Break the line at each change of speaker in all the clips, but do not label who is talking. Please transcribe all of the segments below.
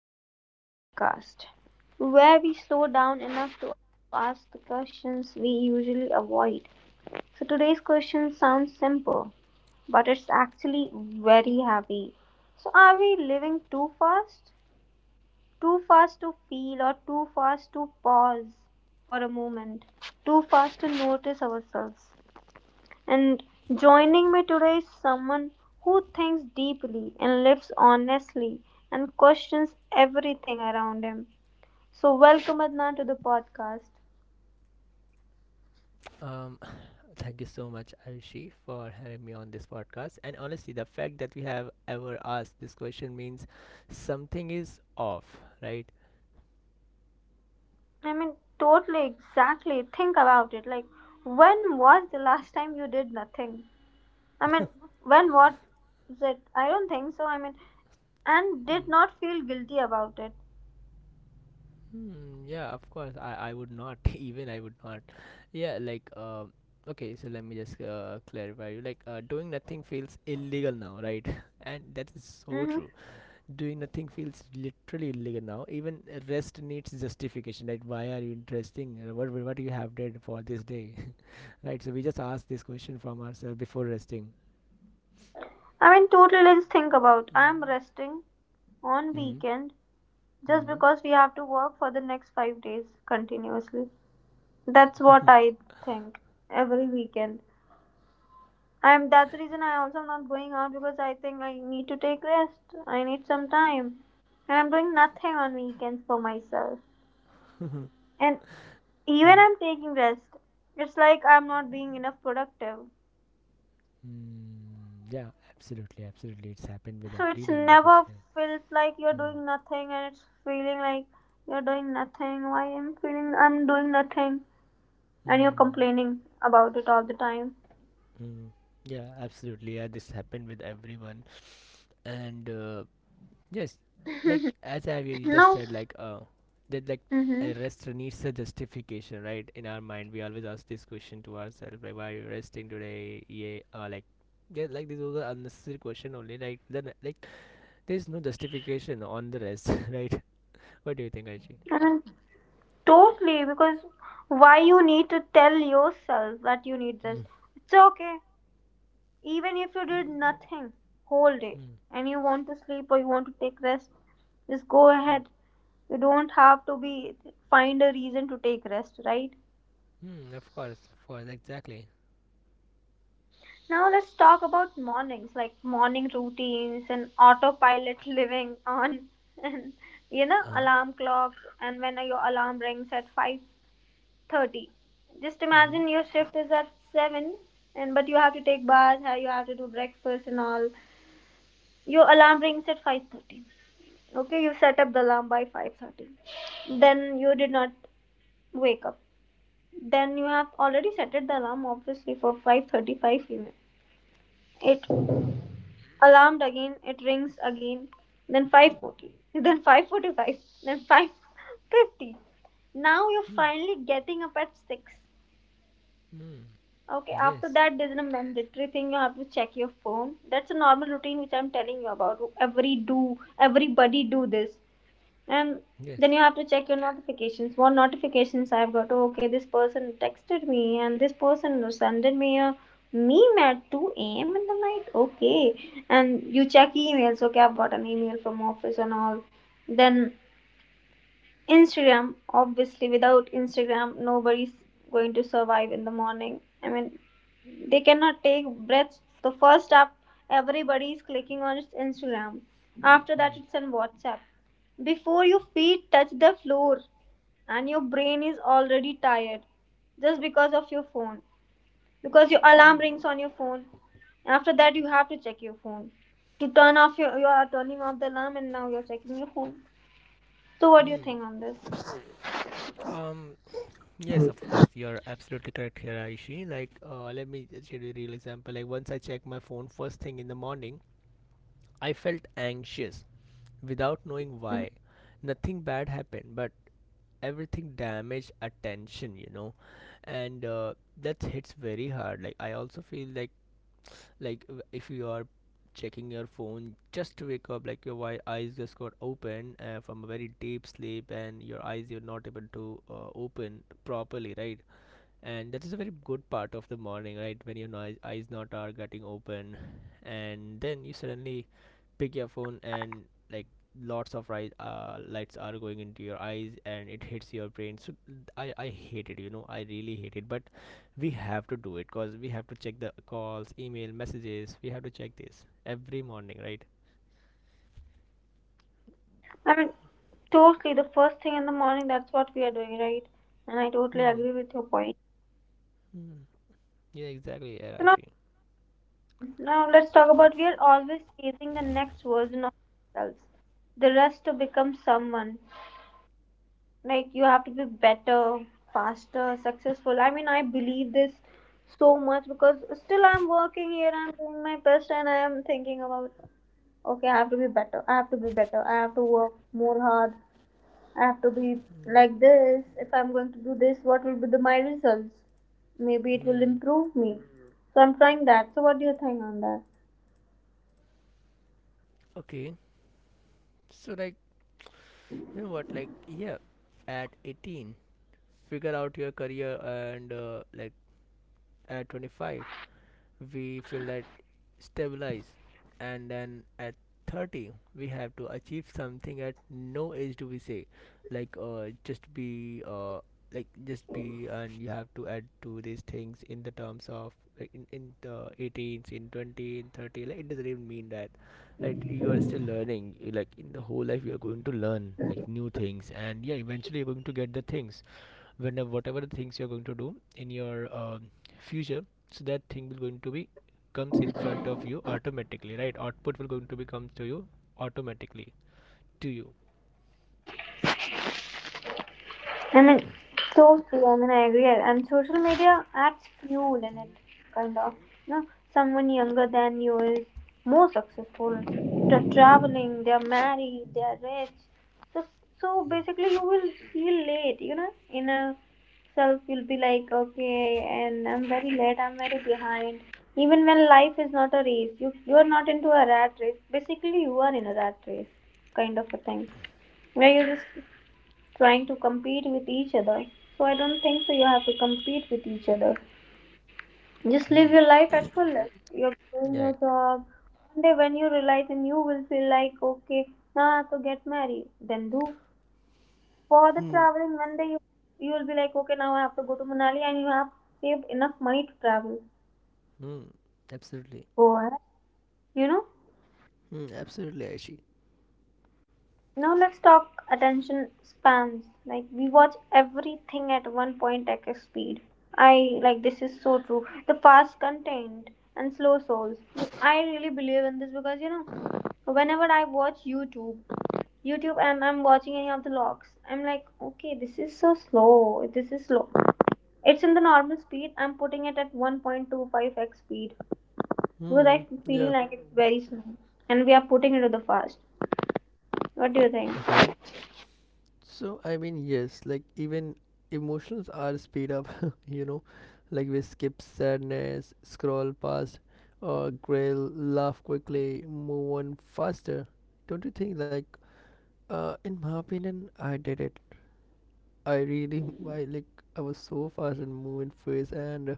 back to the podcast, where we slow down enough to ask the questions we usually avoid. So, today's question sounds simple, but it's actually very heavy. So, are we living too fast? Too fast to feel, or too fast to pause for a moment? Too fast to notice ourselves? And joining me today is someone who thinks deeply and lives honestly and questions everything around him. So, welcome Adnan to the podcast.
Um, thank you so much, Arishi, for having me on this podcast. And honestly, the fact that we have ever asked this question means something is off, right?
I mean, totally, exactly. Think about it. Like, when was the last time you did nothing? I mean, when was it? I don't think so. I mean, and did
Hmm.
not feel guilty about it.
Hmm, yeah, of course. I would not, even I would not. Yeah, okay, so let me just clarify you. Doing nothing feels illegal now, right? And that is so
Mm-hmm.
true. Doing nothing feels literally illegal now. Even rest needs justification. Like, why are you interesting? What you have did for this day, right? So we just ask this question from ourselves before resting.
I mean, totally, let's think about. I'm
Mm.
resting on
Mm-hmm.
weekend just
Mm-hmm.
because we have to work for the next 5 days continuously. That's what I think every weekend. I'm that's the reason I also am not going out because I think I need to take rest. I need some time. And I'm doing nothing on weekends for myself. And even
Yeah.
I'm taking rest, it's like I'm not being enough productive.
Mm, yeah. Absolutely. Absolutely. It's happened with
So it's
everyone, we could
never
say.
feels like you're
Mm.
doing nothing and it's feeling like you're doing nothing. Why I'm feeling I'm doing nothing and you're
Mm.
complaining about it all the time.
Mm. Yeah. Absolutely. Yeah. This happened with everyone, and yes, like as I really just
No.
said, that like a
Mm-hmm.
rest needs a justification, right? In our mind, we always ask this question to ourselves, like, why are you resting today? Yeah, like this was an unnecessary question only. Like, there's no justification on the rest, right? What do you think, Aichi?
I mean, totally, because why you need to tell yourself that you need this?
Mm,
It's okay, even if you did nothing whole day
mm,
and you want to sleep or you want to take rest, just go
mm,
ahead. You don't have to be find a reason to take rest, right?
mm, of course, exactly.
Now let's talk about mornings, like morning routines and autopilot living on, and you know
Uh huh.
alarm clocks and when your alarm rings at 5:30, just
Mm-hmm.
imagine your shift is at 7, and but you have to take bath, you have to do breakfast and all. Your alarm rings at 5:30, okay, you set up the alarm by 5:30, then you did not wake up, then you have already set the alarm obviously for 5:35, even it
Mm,
alarmed again, it rings again, then 5:40, then 5:45, then 5:50. Now you're
mm,
finally getting up at 6.
mm.
Okay, after
Yes,
that, there's a mandatory thing, you have to check your phone. That's a normal routine which I'm telling you about. Every do, everybody do this, and then
yes.
you have to check your notifications. What notifications I've got? Oh, okay, this person texted me, and this person sended me a meme at two a.m. in the night. Okay, and you check emails. Okay, I've got an email from office and all. Then Instagram, obviously, without Instagram, nobody's going to survive in the morning. I mean, they cannot take breaths. The first up, everybody is clicking on its Instagram. After that,
Mm,
it's on WhatsApp. Before your feet touch the floor and your brain is already tired just because of your phone, because your
mm,
alarm rings on your phone. After that, you have to check your phone to turn off your. You are turning off the alarm and now you're checking your phone. So, what do you
mm.
think on this?
Um, Yes, of course, you're absolutely correct here, Aishi. Let me just share you a real example. Like, once I checked my phone first thing in the morning, I felt anxious without knowing why. Nothing bad happened, but everything damaged attention, you know, and that hits very hard. Like, I also feel like if you are checking your phone just to wake up, like your eyes just got open from a very deep sleep, and your eyes you're not able to open properly, right? And that is a very good part of the morning, right, when your noise, eyes not are getting open, and then you suddenly pick your phone and like lots of light, lights are going into your eyes and it hits your brain. So I hate it, you know, I really hate it. But we have to do it because we have to check the calls, email, messages. We have to check this every morning, right?
I mean, totally. The first thing in the morning, that's what we are doing, right? And I totally
Hmm,
agree with your point.
hmm. Yeah, exactly,
So now,
Arashi.
now let's talk about we are always chasing the next version of ourselves. The rush to become someone. Like you have to be better, faster, successful. I mean, I believe this so much because still I'm working here. I'm doing my best, and I am thinking about okay, I have to be better. I have to be better. I have to work more hard. I have to be like this. If I'm going to do this, what will be the, my results? Maybe it will
Hmm.
improve me. So I'm trying that. So what do you think on that?
Okay, so like you know what, like yeah, at 18 figure out your career, and like at 25 we feel that stabilize, and then at 30 we have to achieve something. At no age do we say just be, just be. And you have to add to these things in the terms of like in the 18s, in 20, in 30. Like, it doesn't even mean that like you are still learning. Like in the whole life you are going to learn like new things, and yeah, eventually you're going to get the things. Whenever, whatever the things you're going to do in your future, so that thing will going to be comes in front of you automatically. Right, output will going to be comes to you automatically to you.
I mean, totally. I mean, I agree. And social media adds fuel in it, kind of. You know, someone younger than you is more successful. They're traveling. They're married. They're rich. So, so basically, you will feel late. You know, in a self, you'll be like, okay, and I'm very late. I'm very behind. Even when life is not a race, you are not into a rat race. Basically, you are in a rat race, kind of a thing, where you just trying to compete with each other. So I don't think so you have to compete with each other. Just live your
Hmm.
life at fullest. You're doing your
Yeah.
job. One day when you realize and you will feel like, okay, now I have to get married, then do. For the
Hmm.
traveling, one day you, you will be like, okay, now I have to go to Manali and you have saved enough money to travel.
Hmm. Absolutely.
Go ahead. You know?
Hmm. Absolutely, Aishi.
Now let's talk attention spans. Like we watch everything at one point x speed. I like this is so true. The fast content and slow souls. I really believe in this because you know, whenever I watch YouTube, and I'm watching any of the logs, I'm like, okay, this is so slow. This is slow. It's in the normal speed. I'm putting it at 1.25x speed because I
Hmm.
feel
Yeah.
like it's very slow, and we are putting it to the fast. What do you think?
Okay. So I mean, yes, like even emotions are speed up, you know, like we skip sadness, scroll past, or grill, laugh quickly, move on faster. Don't you think? In my opinion, I did it. I really, I like, I was so fast and moving phase, and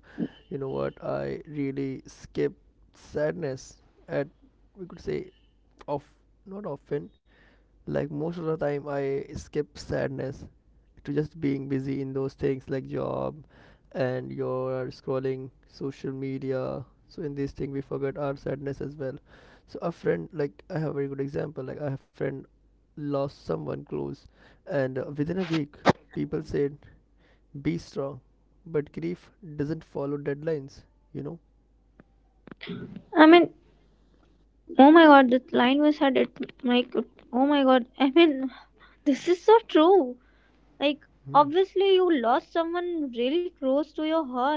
you know what? I really skip sadness at, we could say, of not often. Like, most of the time, I skip sadness to just being busy in those things like job, and you're scrolling social media. So in this thing we forget our sadness as well. So a friend, like I have a very good example, like I have friend lost someone close, and within a week people said be strong, but grief doesn't follow deadlines, you know.
I mean, oh my god, that line was said it like oh my god. I mean this is so true. Like
Hmm.
obviously you lost someone really close to your heart.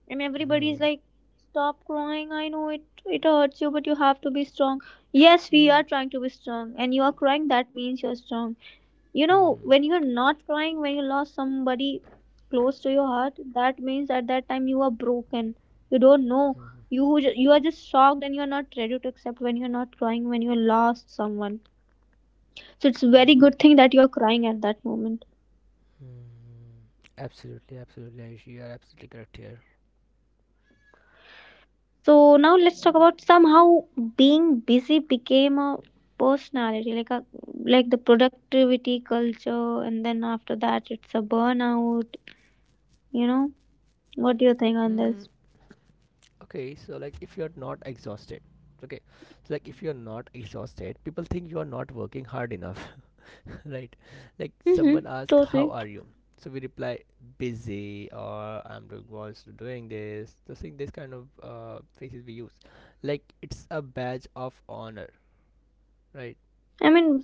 And everybody's
Hmm.
like, stop crying, I know it hurts you, but you have to be strong. Yes, we
Hmm.
are trying to be strong and you are crying, that means you're strong. You
Hmm.
know, when you're not crying, when you lost somebody close to your heart, that means at that time you are broken, you don't know,
Hmm.
you are just shocked and you're not ready to accept, when you're not crying when you lost someone, so it's very
Hmm.
good thing that you're crying at that moment.
Hmm. Absolutely, absolutely, Ayush, you are absolutely correct here.
So now let's talk about somehow being busy became a personality, like a like the productivity culture and then after that it's a burnout. You know, what do you think on
Hmm.
this?
Okay, so like if you're not exhausted, okay, so like if you're not exhausted, people think you are not working hard enough, right? Like
Mm-hmm,
someone asks, "How
totally.
are you?" So we reply, "Busy," or "I'm doing was doing this." So seeing this kind of faces we use, like it's a badge of honor, right?
I mean,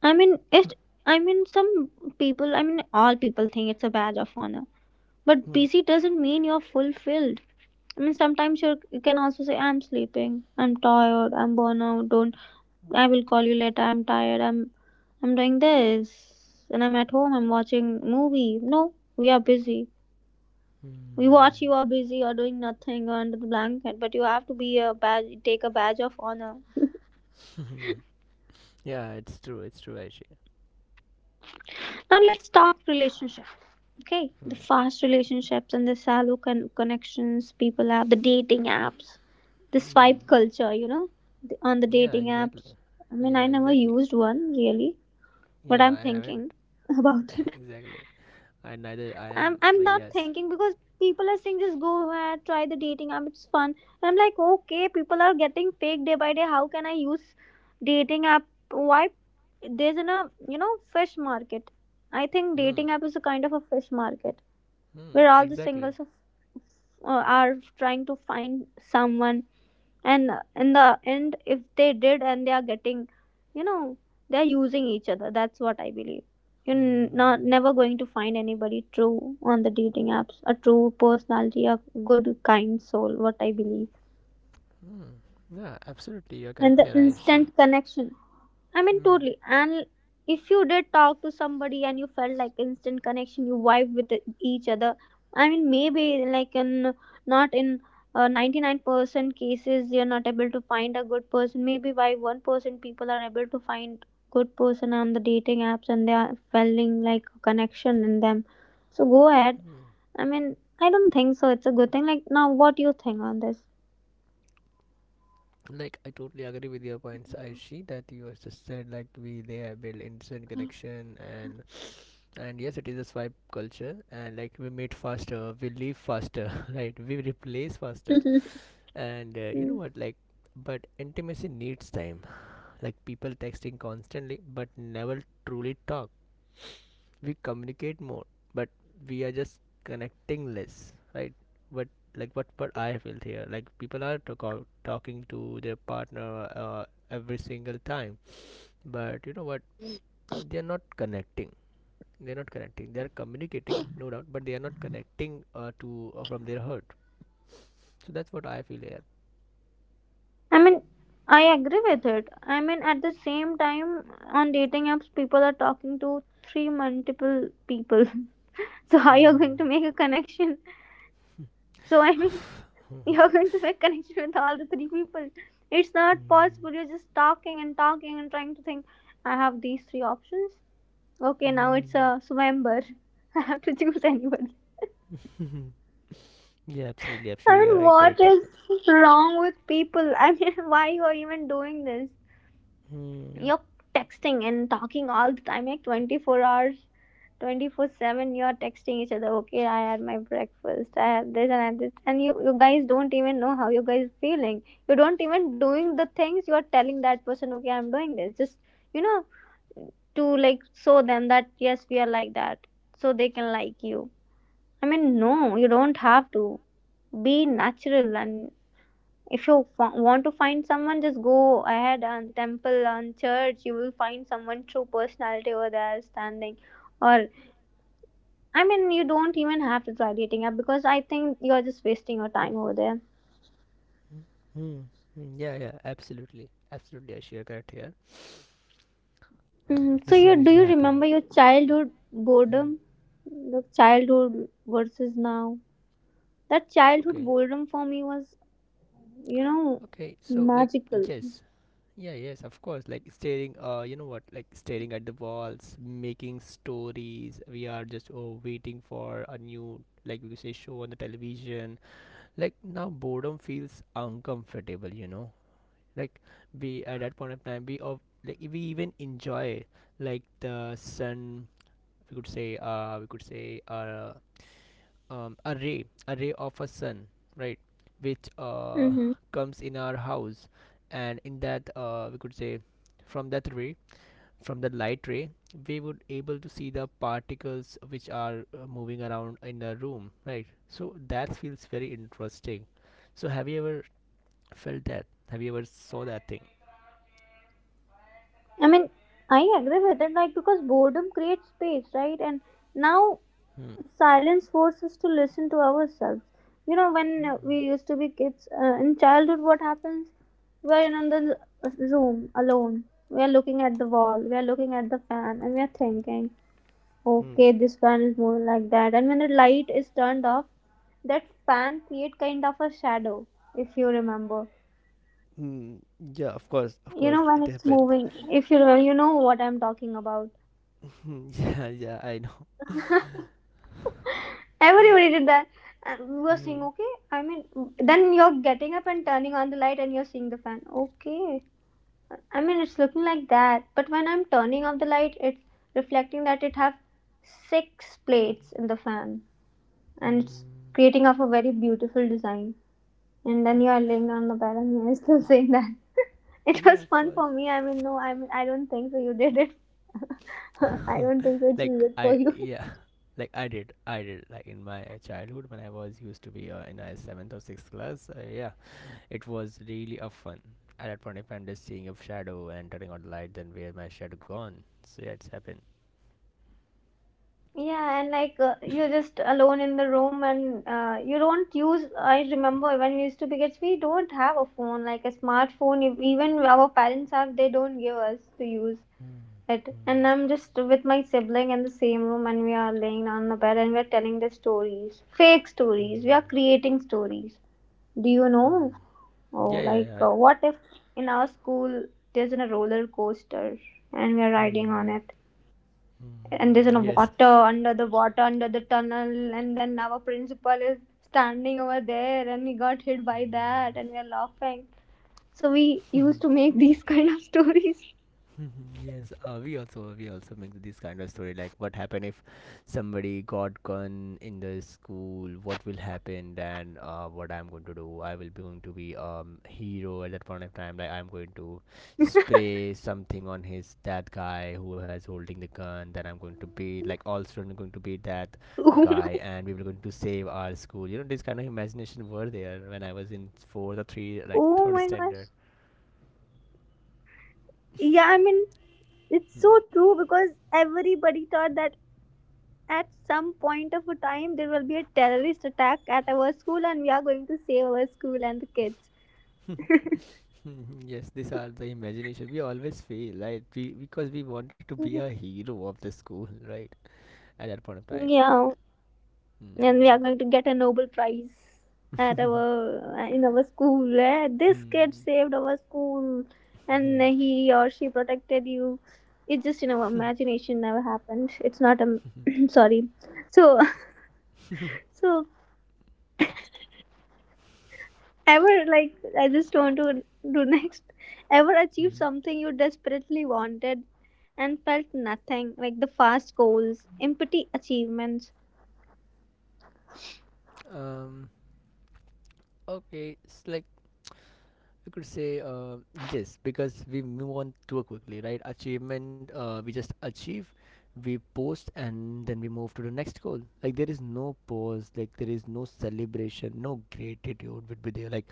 I mean, it. I mean, some people. I mean, all people think it's a badge of honor. But
Hmm.
busy doesn't mean you're fulfilled. I mean, sometimes you're, you can also say, "I'm sleeping. I'm tired. I'm burnt out. Don't. I will call you later. I'm tired. I'm. I'm doing this, and I'm at home. I'm watching movie. No, we are busy. We watch you are busy or doing nothing or under the blanket. But you have to be a badge. Take a badge of honor.
Yeah, it's true. It's true, actually.
Now let's talk relationship. Okay, the
Hmm.
fast relationships and the shallow connections people have, the dating apps, the swipe culture, you know, the, on the
Yeah,
dating
exactly.
apps. I mean, I
Yeah,
never
exactly.
used one really, but
Yeah,
I'm
I haven't.
thinking about it.
Exactly. I neither I
I'm
am.
I'm
But
not
yes.
thinking because people are saying just go ahead, try the dating app, it's fun. And I'm like, okay, people are getting fake day by day. How can I use dating app? Why? There's in a you know fish market. I think
Hmm.
dating app is a kind of a fish market
Hmm,
where all the
exactly.
singles of, are trying to find someone and in the end if they did and they are getting, you know, they are using each other, that's what I believe. You're not
Hmm.
never going to find anybody true on the dating apps, a true personality, a good kind soul, what I believe.
Hmm. Yeah, absolutely. You're
And
correct
the
here, Aishi.
instant connection, I mean,
Hmm.
totally. And if you did talk to somebody and you felt like instant connection, you vibed with each other. I mean, maybe like in not in 99% cases you're not able to find a good person. Maybe by 1% people are able to find good person on the dating apps and they are feeling like a connection in them. So go ahead.
Hmm.
I mean, I don't think so. It's a good thing. Like now, what do you think on this?
Like I totally agree with your points, Aishi, that you has just said, like we they have built instant connection. And yes, it is a swipe culture, and like we meet faster, we leave faster, right? We replace faster. And you know
Mm.
what, like but intimacy needs time. Like people texting constantly but never truly talk. We communicate more, but we are just connecting less, right? But like what I feel here, like people are talking to their partner uh, every single time, but you know what, they're not connecting they're not connecting, they're communicating, no doubt, but they are not connecting to from their heart. So that's what I feel here.
I mean, I agree with it. I mean, at the same time, on dating apps, people are talking to three multiple people. So how you're going to make a connection? So I mean, you're going to make connection with all the three people. It's not possible. You're just talking and talking and trying to think. I have these three options. Okay, now it's
Mm.
a Swamber. I have to choose anybody.
Yeah, absolutely,
I
absolutely, you're
mean,
right,
what
correct here.
is wrong with people? I mean, why you are even doing this?
Hmm.
You're texting and talking all the time like 24 hours, 24 7, you're texting each other. Okay, I had my breakfast, I had this and I had this, and you guys don't even know how you guys feeling. You don't even doing the things you are telling that person. Okay, I'm doing this just you know to like show them that yes, we are like that so they can like you. I mean, no, you don't have to be natural. And If you want to find someone, just go ahead and temple and church. You will find someone true personality over there standing. Or I mean, you don't even have to try dating app because I think you're just wasting your time over there.
Hmm. Mm, yeah, yeah, absolutely, absolutely, yes, you're correct here.
Mm, so
This thing
you do
usually
you
happen.
remember your childhood
Hmm.
boredom? The childhood versus now. That childhood
Okay.
boredom for me was, you know,
Okay. So like,
magical.
yes. Yeah, yes, of course. Like staring uh, you know what? Like staring at the walls, making stories. We are just oh waiting for a new, like we say, show on the television. Like now boredom feels uncomfortable, you know. Like we at that point of time, we of like we even enjoy like the sun, we could say a ray of a sun, right, which
Mm-hmm.
comes in our house. And in that, we could say, from that ray, from the light ray, we would able to see the particles which are moving around in the room, right? So that feels very interesting. So have you ever felt that, have you ever saw that thing?
I mean, I agree with it, like because boredom creates space, right? And now
Hmm.
silence forces us to listen to ourselves. You know, when we used to be kids in childhood, what happens, we're in the room alone, we're looking at the wall, we're looking at the fan, and we're thinking,
Hmm.
okay, this fan is moving like that, and when the light is turned off, that fan create kind of a shadow, if you remember,
Hmm. Yeah, of
you
course,
know, when
it
it's
happens.
moving, if you remember, you know what I'm talking about.
Hmm, yeah, yeah, I know.
Everybody did that. And we were saying,
Hmm.
okay, I mean, then you're getting up and turning on the light and you're seeing the fan. Okay. I mean, it's looking like that. But when I'm turning off the light, it's reflecting that it have six plates in the fan. And it's
Hmm.
creating up a very beautiful design. And then you are laying on the bed and you are still saying that. It
Yeah,
was
of
fun
course.
for me. I mean, no, I mean, I don't think so. You did it. I don't think so. It's
Like
weird for
I
you.
yeah, like I did, like in my childhood when I was used to be in a seventh or sixth class, yeah, it was really a fun. At that point, if I'm just seeing a shadow and turning on the light, then where my shadow gone? So yeah, it's happened.
Yeah, and like you're just alone in the room, and you don't use. I remember when we used to be kids, we don't have a phone, like a smartphone. If, even our parents have, they don't give us to use it. And I'm just with my sibling in the same room, and we are laying on the bed, and we are telling the stories, fake stories. We are creating stories. Do you know? Oh, like
Yeah.
what if in our school there's a roller coaster, and we are riding
Hmm,
on it? And there's a
yes.
water under the tunnel, and then our principal is standing over there and we got hit by that and we are laughing. So we used to make these kind of stories.
Yes, we also make this kind of story, like what happened if somebody got gun in the school? What will happen then? What I'm going to do? I will be going to be hero at that point of time. Like I'm going to spray something on his that guy who has holding the gun. Then I'm going to be like all students are going to beat that
Oh
guy,
my,
and we were going to save our school. You know, this kind of imagination were there when I was in fourth or three like
oh
third
my gosh.
standard.
Yeah, I mean, it's so true because everybody thought that at some point of a time there will be a terrorist attack at our school and we are going to save our school and the kids.
Mhm, yes, these are the imagination. We always fail, right? We, because we wanted to be a hero of the school, right? At that point of time.
Yeah, and we
Hmm.
are going to get a Nobel Prize at our in our school. Eh, this kid saved our school, and he or she protected you. It's just in our imagination. Never happened. It's not a sorry. So so ever like I just want to do next. Ever achieve something you desperately wanted and felt nothing, like the fast goals, empty achievements.
Um. Okay. It's like, we could say yes, because we move on too quickly, right? Achievement, we just achieve, we post, and then we move to the next goal. Like, there is no pause, like there is no celebration, no gratitude would be there.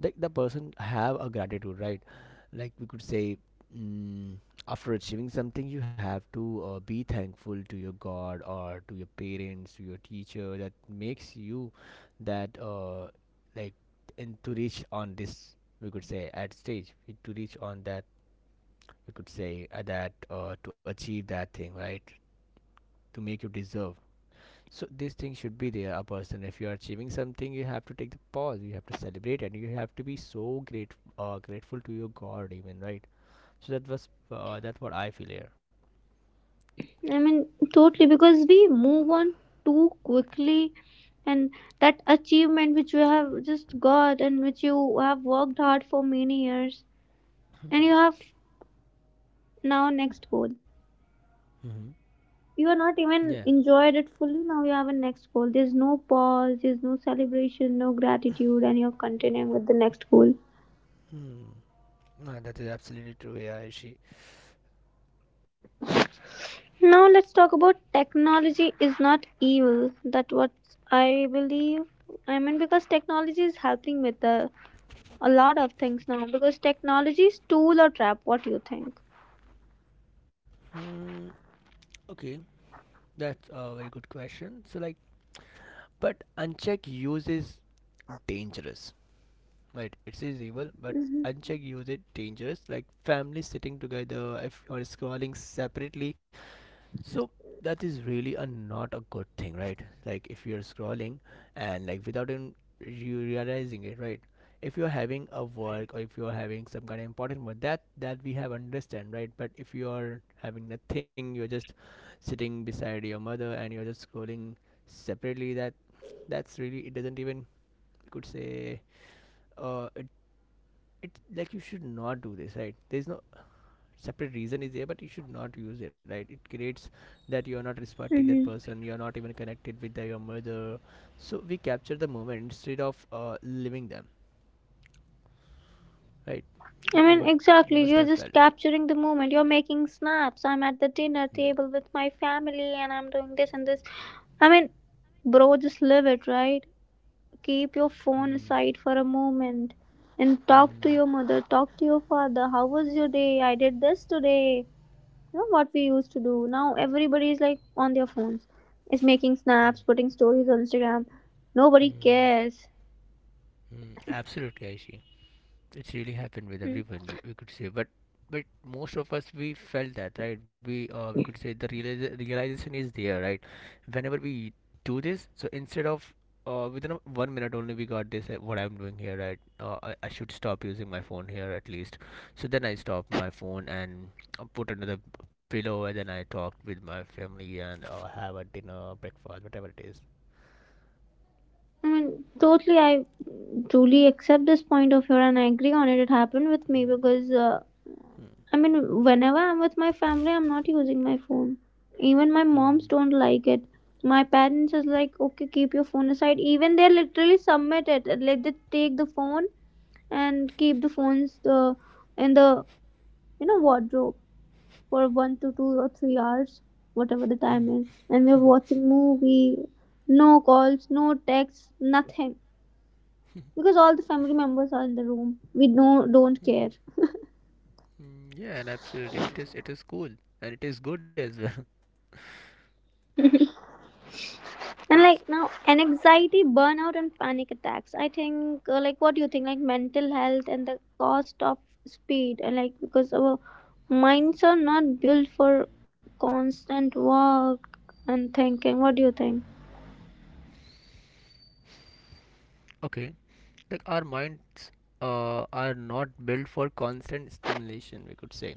Like the person have a gratitude, right? Like we could say, mm, after achieving something, you have to be thankful to your God or to your parents, to your teacher that makes you that like and to reach on this, we could say, at stage, to reach on that, we could say that to achieve that thing, right, to make you deserve. So this thing should be there. A person, if you are achieving something, you have to take the pause, you have to celebrate, and you have to be so great grateful to your god even, right? So that was that's what I feel here.
I mean, totally, because we move on too quickly, and that achievement which you have just got and which you have worked hard for many years, and you have now next goal,
Mm-hmm.
you are not
Yeah.
even enjoyed it fully, now you have a next goal, there's no pause, there's no celebration, no gratitude, and you're continuing with the next goal.
Hmm. No, that is absolutely true, yeah, Ishi.
Now let's talk about technology is not evil, that what I believe. I mean, because technology is helping with a lot of things now. Because technology is tool or trap, what do you think?
Hmm. Okay, that's a very good question. So like, but unchecked use is dangerous. Right, it says evil, but
Mm-hmm.
uncheck use it dangerous. Like family sitting together, if or scrolling separately, so that is really a not a good thing, right? Like if you are scrolling and like without even you realizing it, right? If you are having a work or if you are having some kind of important work, that we have understand, right? But if you are having nothing, you're just sitting beside your mother and you're just scrolling separately. That's really it doesn't even you could say uh, it it's like you should not do this, right? There's no separate reason is there, but you should not use it, right? It creates that you're not respecting that
Mm-hmm.
person, you're not even connected with your mother. So we capture the moment instead of living them, right?
I
You
mean,
would you
exactly.
must
You're
have
just
felt.
capturing the moment. You're making snaps. I'm at the dinner
Hmm.
table with my family and I'm doing this and this. I mean, bro, just live it, right? Keep your phone
Hmm.
aside for a moment and talk to
Hmm.
your mother, talk to your father. How was your day? I did this today. You know what we used to do. Now everybody is like on their phones, is making snaps, putting stories on Instagram. Nobody
Hmm.
cares.
Hmm. Absolutely, I see. It's really happened with
Hmm.
everyone, we could say, but most of us we felt that, right? We we could say the realization is there, right? Whenever we do this. So instead of within 1 minute only we got this, what I'm doing here, right? Uh, I should stop using my phone here at least. So then I stopped my phone and put another pillow and then I talked with my family and have a dinner breakfast, whatever it is.
I mean, totally, I truly accept this point of yours and I agree on it. It happened with me because, I mean, whenever I'm with my family, I'm not using my phone. Even my moms don't like it. My parents is like, okay, keep your phone aside. Even they literally submit it. And let them take the phone and keep the phones in the wardrobe for 1 to 2 or 3 hours, whatever the time is. And we're watching movie, no calls, no texts, nothing, because all the family members are in the room, we don't care.
Mm, mm, yeah, and absolutely it is, it is cool and it is good as well.
And
Yes.
like now and anxiety burnout and panic attacks, I think, like what do you think, like mental health and the cost of speed. And like because our minds are not built for constant work and thinking, what do you think?
Okay, like our minds are not built for constant stimulation. We could say,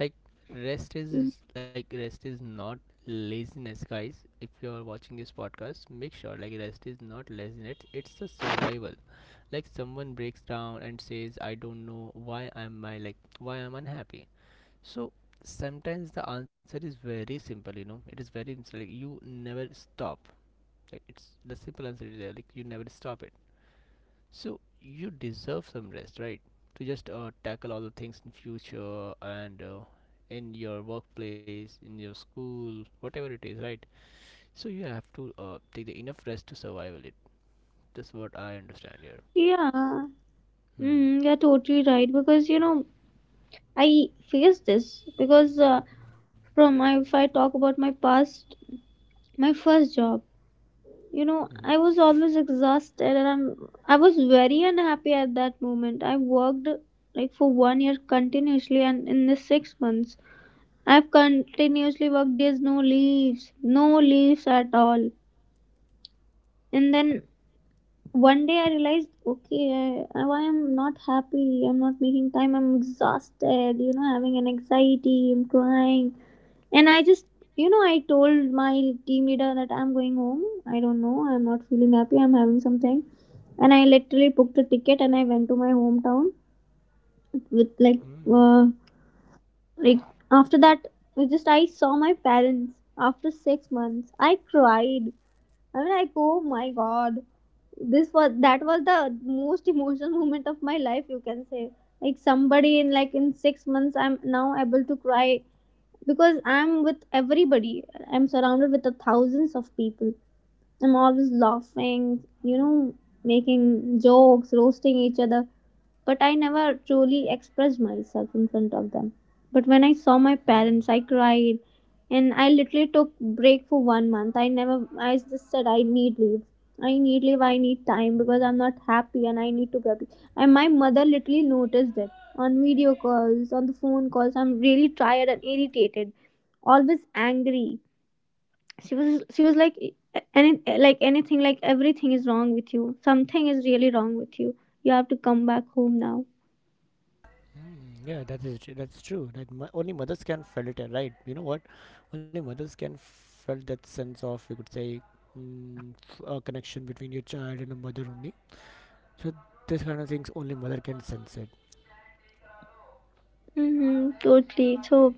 like rest
Mm.
is like rest is not laziness, guys. If you're watching this podcast, make sure like rest is not laziness. It's a survival. Like someone breaks down and says, "I don't know why I'm I like why I'm unhappy." So sometimes the answer is very simple. You know, it is very simple. Like you never stop. Like it's the simple answer is there. Like you never stop it. So you deserve some rest, right? To just tackle all the things in future and in your workplace, in your school, whatever it is, right? So you have to take the enough rest to survive it. That's what I understand here.
Yeah,
Hmm.
mm, you're totally right because you know, I face this because, from my, if I talk about my past, my first job, you know,
Mhm.
I was always exhausted and I was very unhappy at that moment. I worked like for 1 year continuously, and in the 6 months I've continuously worked, there's no leaves, no leaves at all. And then one day I realized, okay, I am not happy, I'm not making time, I'm exhausted, you know, having an anxiety, I'm crying. And I just, you know, I told my team leader that I'm going home. I don't know. I'm not feeling happy. I'm having something. And I literally booked a ticket and I went to my hometown with
Hmm.
uh, like after that, it just I saw my parents after 6 months. I cried. I mean, like, oh my god, this was that was the most emotional moment of my life. You can say, like somebody in like in 6 months, I'm now able to cry because I'm with everybody. I'm surrounded with the thousands of people. I'm always laughing, you know, making jokes, roasting each other, but I never truly expressed myself in front of them. But when I saw my
Hmm.
parents, I cried and I literally took break for 1 month. I never I just said I need leave. I need leave, I need time because I'm not happy and I need to be happy. And my mother literally noticed it on video calls, on the phone calls. I'm really tired and irritated, always angry. She was like, any like anything like everything is wrong with you. Something is really wrong with you. You have to come back home now.
Hmm. Yeah, that is that's true. That only mothers can feel it, right? You know what? Only mothers can feel that sense of you could say mm, a connection between your child and a mother only. So this kind of things only mother can sense it.
Mhm, totally. So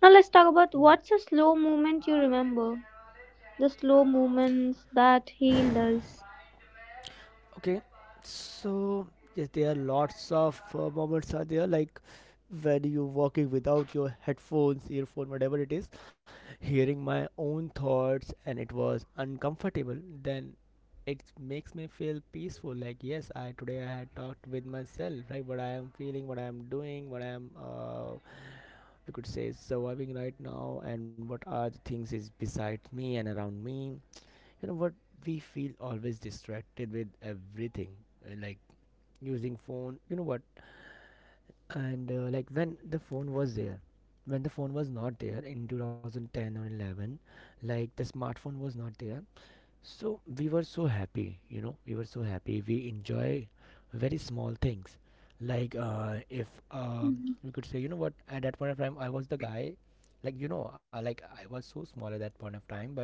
now let's talk about
Mm.
what's a slow moment you remember. The slow moments that healed us.
Okay, so yes, there are lots of moments are there like when you walking without your headphones, earphone, whatever it is, hearing my own thoughts and it was uncomfortable. Then it makes me feel peaceful. Like yes, I today I had talked with myself, right? What I am feeling, what I am doing, what I am we could say surviving right now, and what are the things is beside me and around me. You know what, we feel always distracted with everything, like using phone, you know what. And like when the phone was there, when the phone was not there in 2010 or 11, like the smartphone was not there, so we were so happy, you know, we were so happy, we enjoy very small things. Like if we could say, you know what, at that point of time I was the guy, like, you know, like I was so small at that point of time, but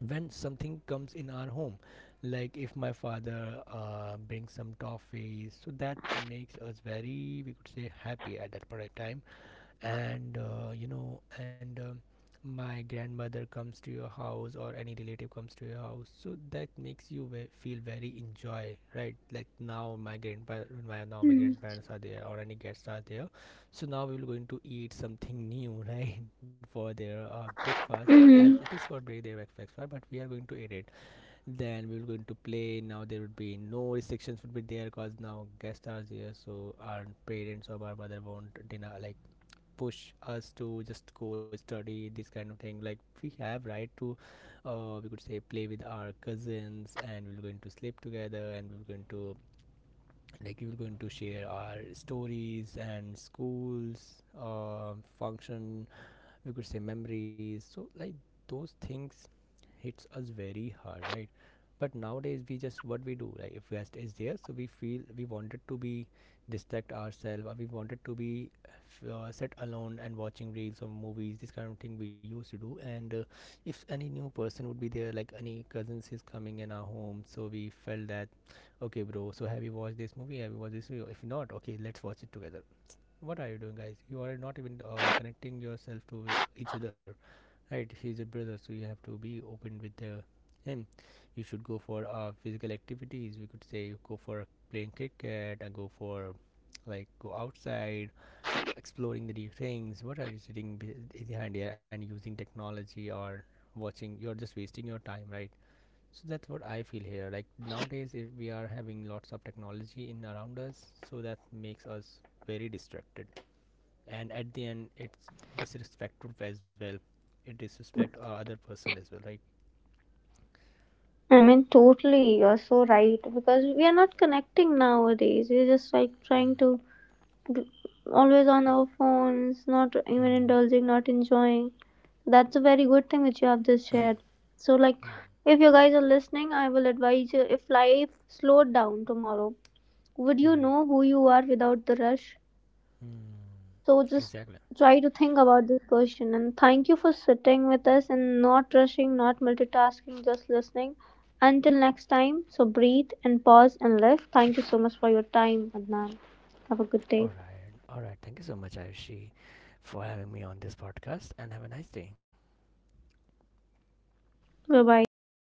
when something comes in our home, like if my father brings some toffees, so that makes us very, we could say, happy at that particular time. And you know, and my grandmother comes to your house or any relative comes to your house, so that makes you feel very enjoy, right? Like now my grandpa, my now my
Mm-hmm.
grandparents are there or any guests are there, so now we will going to eat something new. Right, for their breakfast as it
Hmm.
is, for break their breakfast, but we are going to eat it. Then we were going to play, now there would be no restrictions would be there because now guests are here, so our parents or our mother won't deny, like push us to just go study this kind of thing. Like we have right to we could say play with our cousins and we're going to sleep together and we're going to like we were going to share our stories and schools, function, we could say memories. So like those things hits us very hard, right? But nowadays we just what we do, like if rest is there, so we feel we wanted to be distract ourselves or we wanted to be sit alone and watching reels or movies, this kind of thing we used to do. And if any new person would be there, like any cousins is coming in our home, so we felt that, okay bro, so have you watched this movie, have you watched this movie, if not, okay let's watch it together. What are you doing, guys? You are not even connecting yourself to each other, right? He's a brother, so you have to be open with the him. You should go for physical activities, we could say, go for playing cricket and go for like go outside exploring the new things. What are you sitting behind here and using technology or watching? You're just wasting your time, right? So that's what I feel here. Like nowadays, if we are having lots of technology in around us, so that makes us very distracted. And at the end, it's disrespectful as well. It disrespect our other person as well, right?
I mean, totally. You're so right because we are not connecting nowadays. We're just like trying to g- always on our phones, not even
Hmm,
indulging, not enjoying. That's a very good thing which you have just shared. So, like, if you guys are listening, I will advise you, if life slowed down tomorrow, would you
hmm,
know who you are without the rush?
hmm.
So just
Exactly.
try to think about this question. And thank you for sitting with us and not rushing, not multitasking, just listening. Until next time, so breathe and pause and live. Thank you so much for your time, Adnan. Have a good
All
day.
right, all right. Thank you so much, Ayushi, for having me on this podcast, and have a nice day.
Bye bye.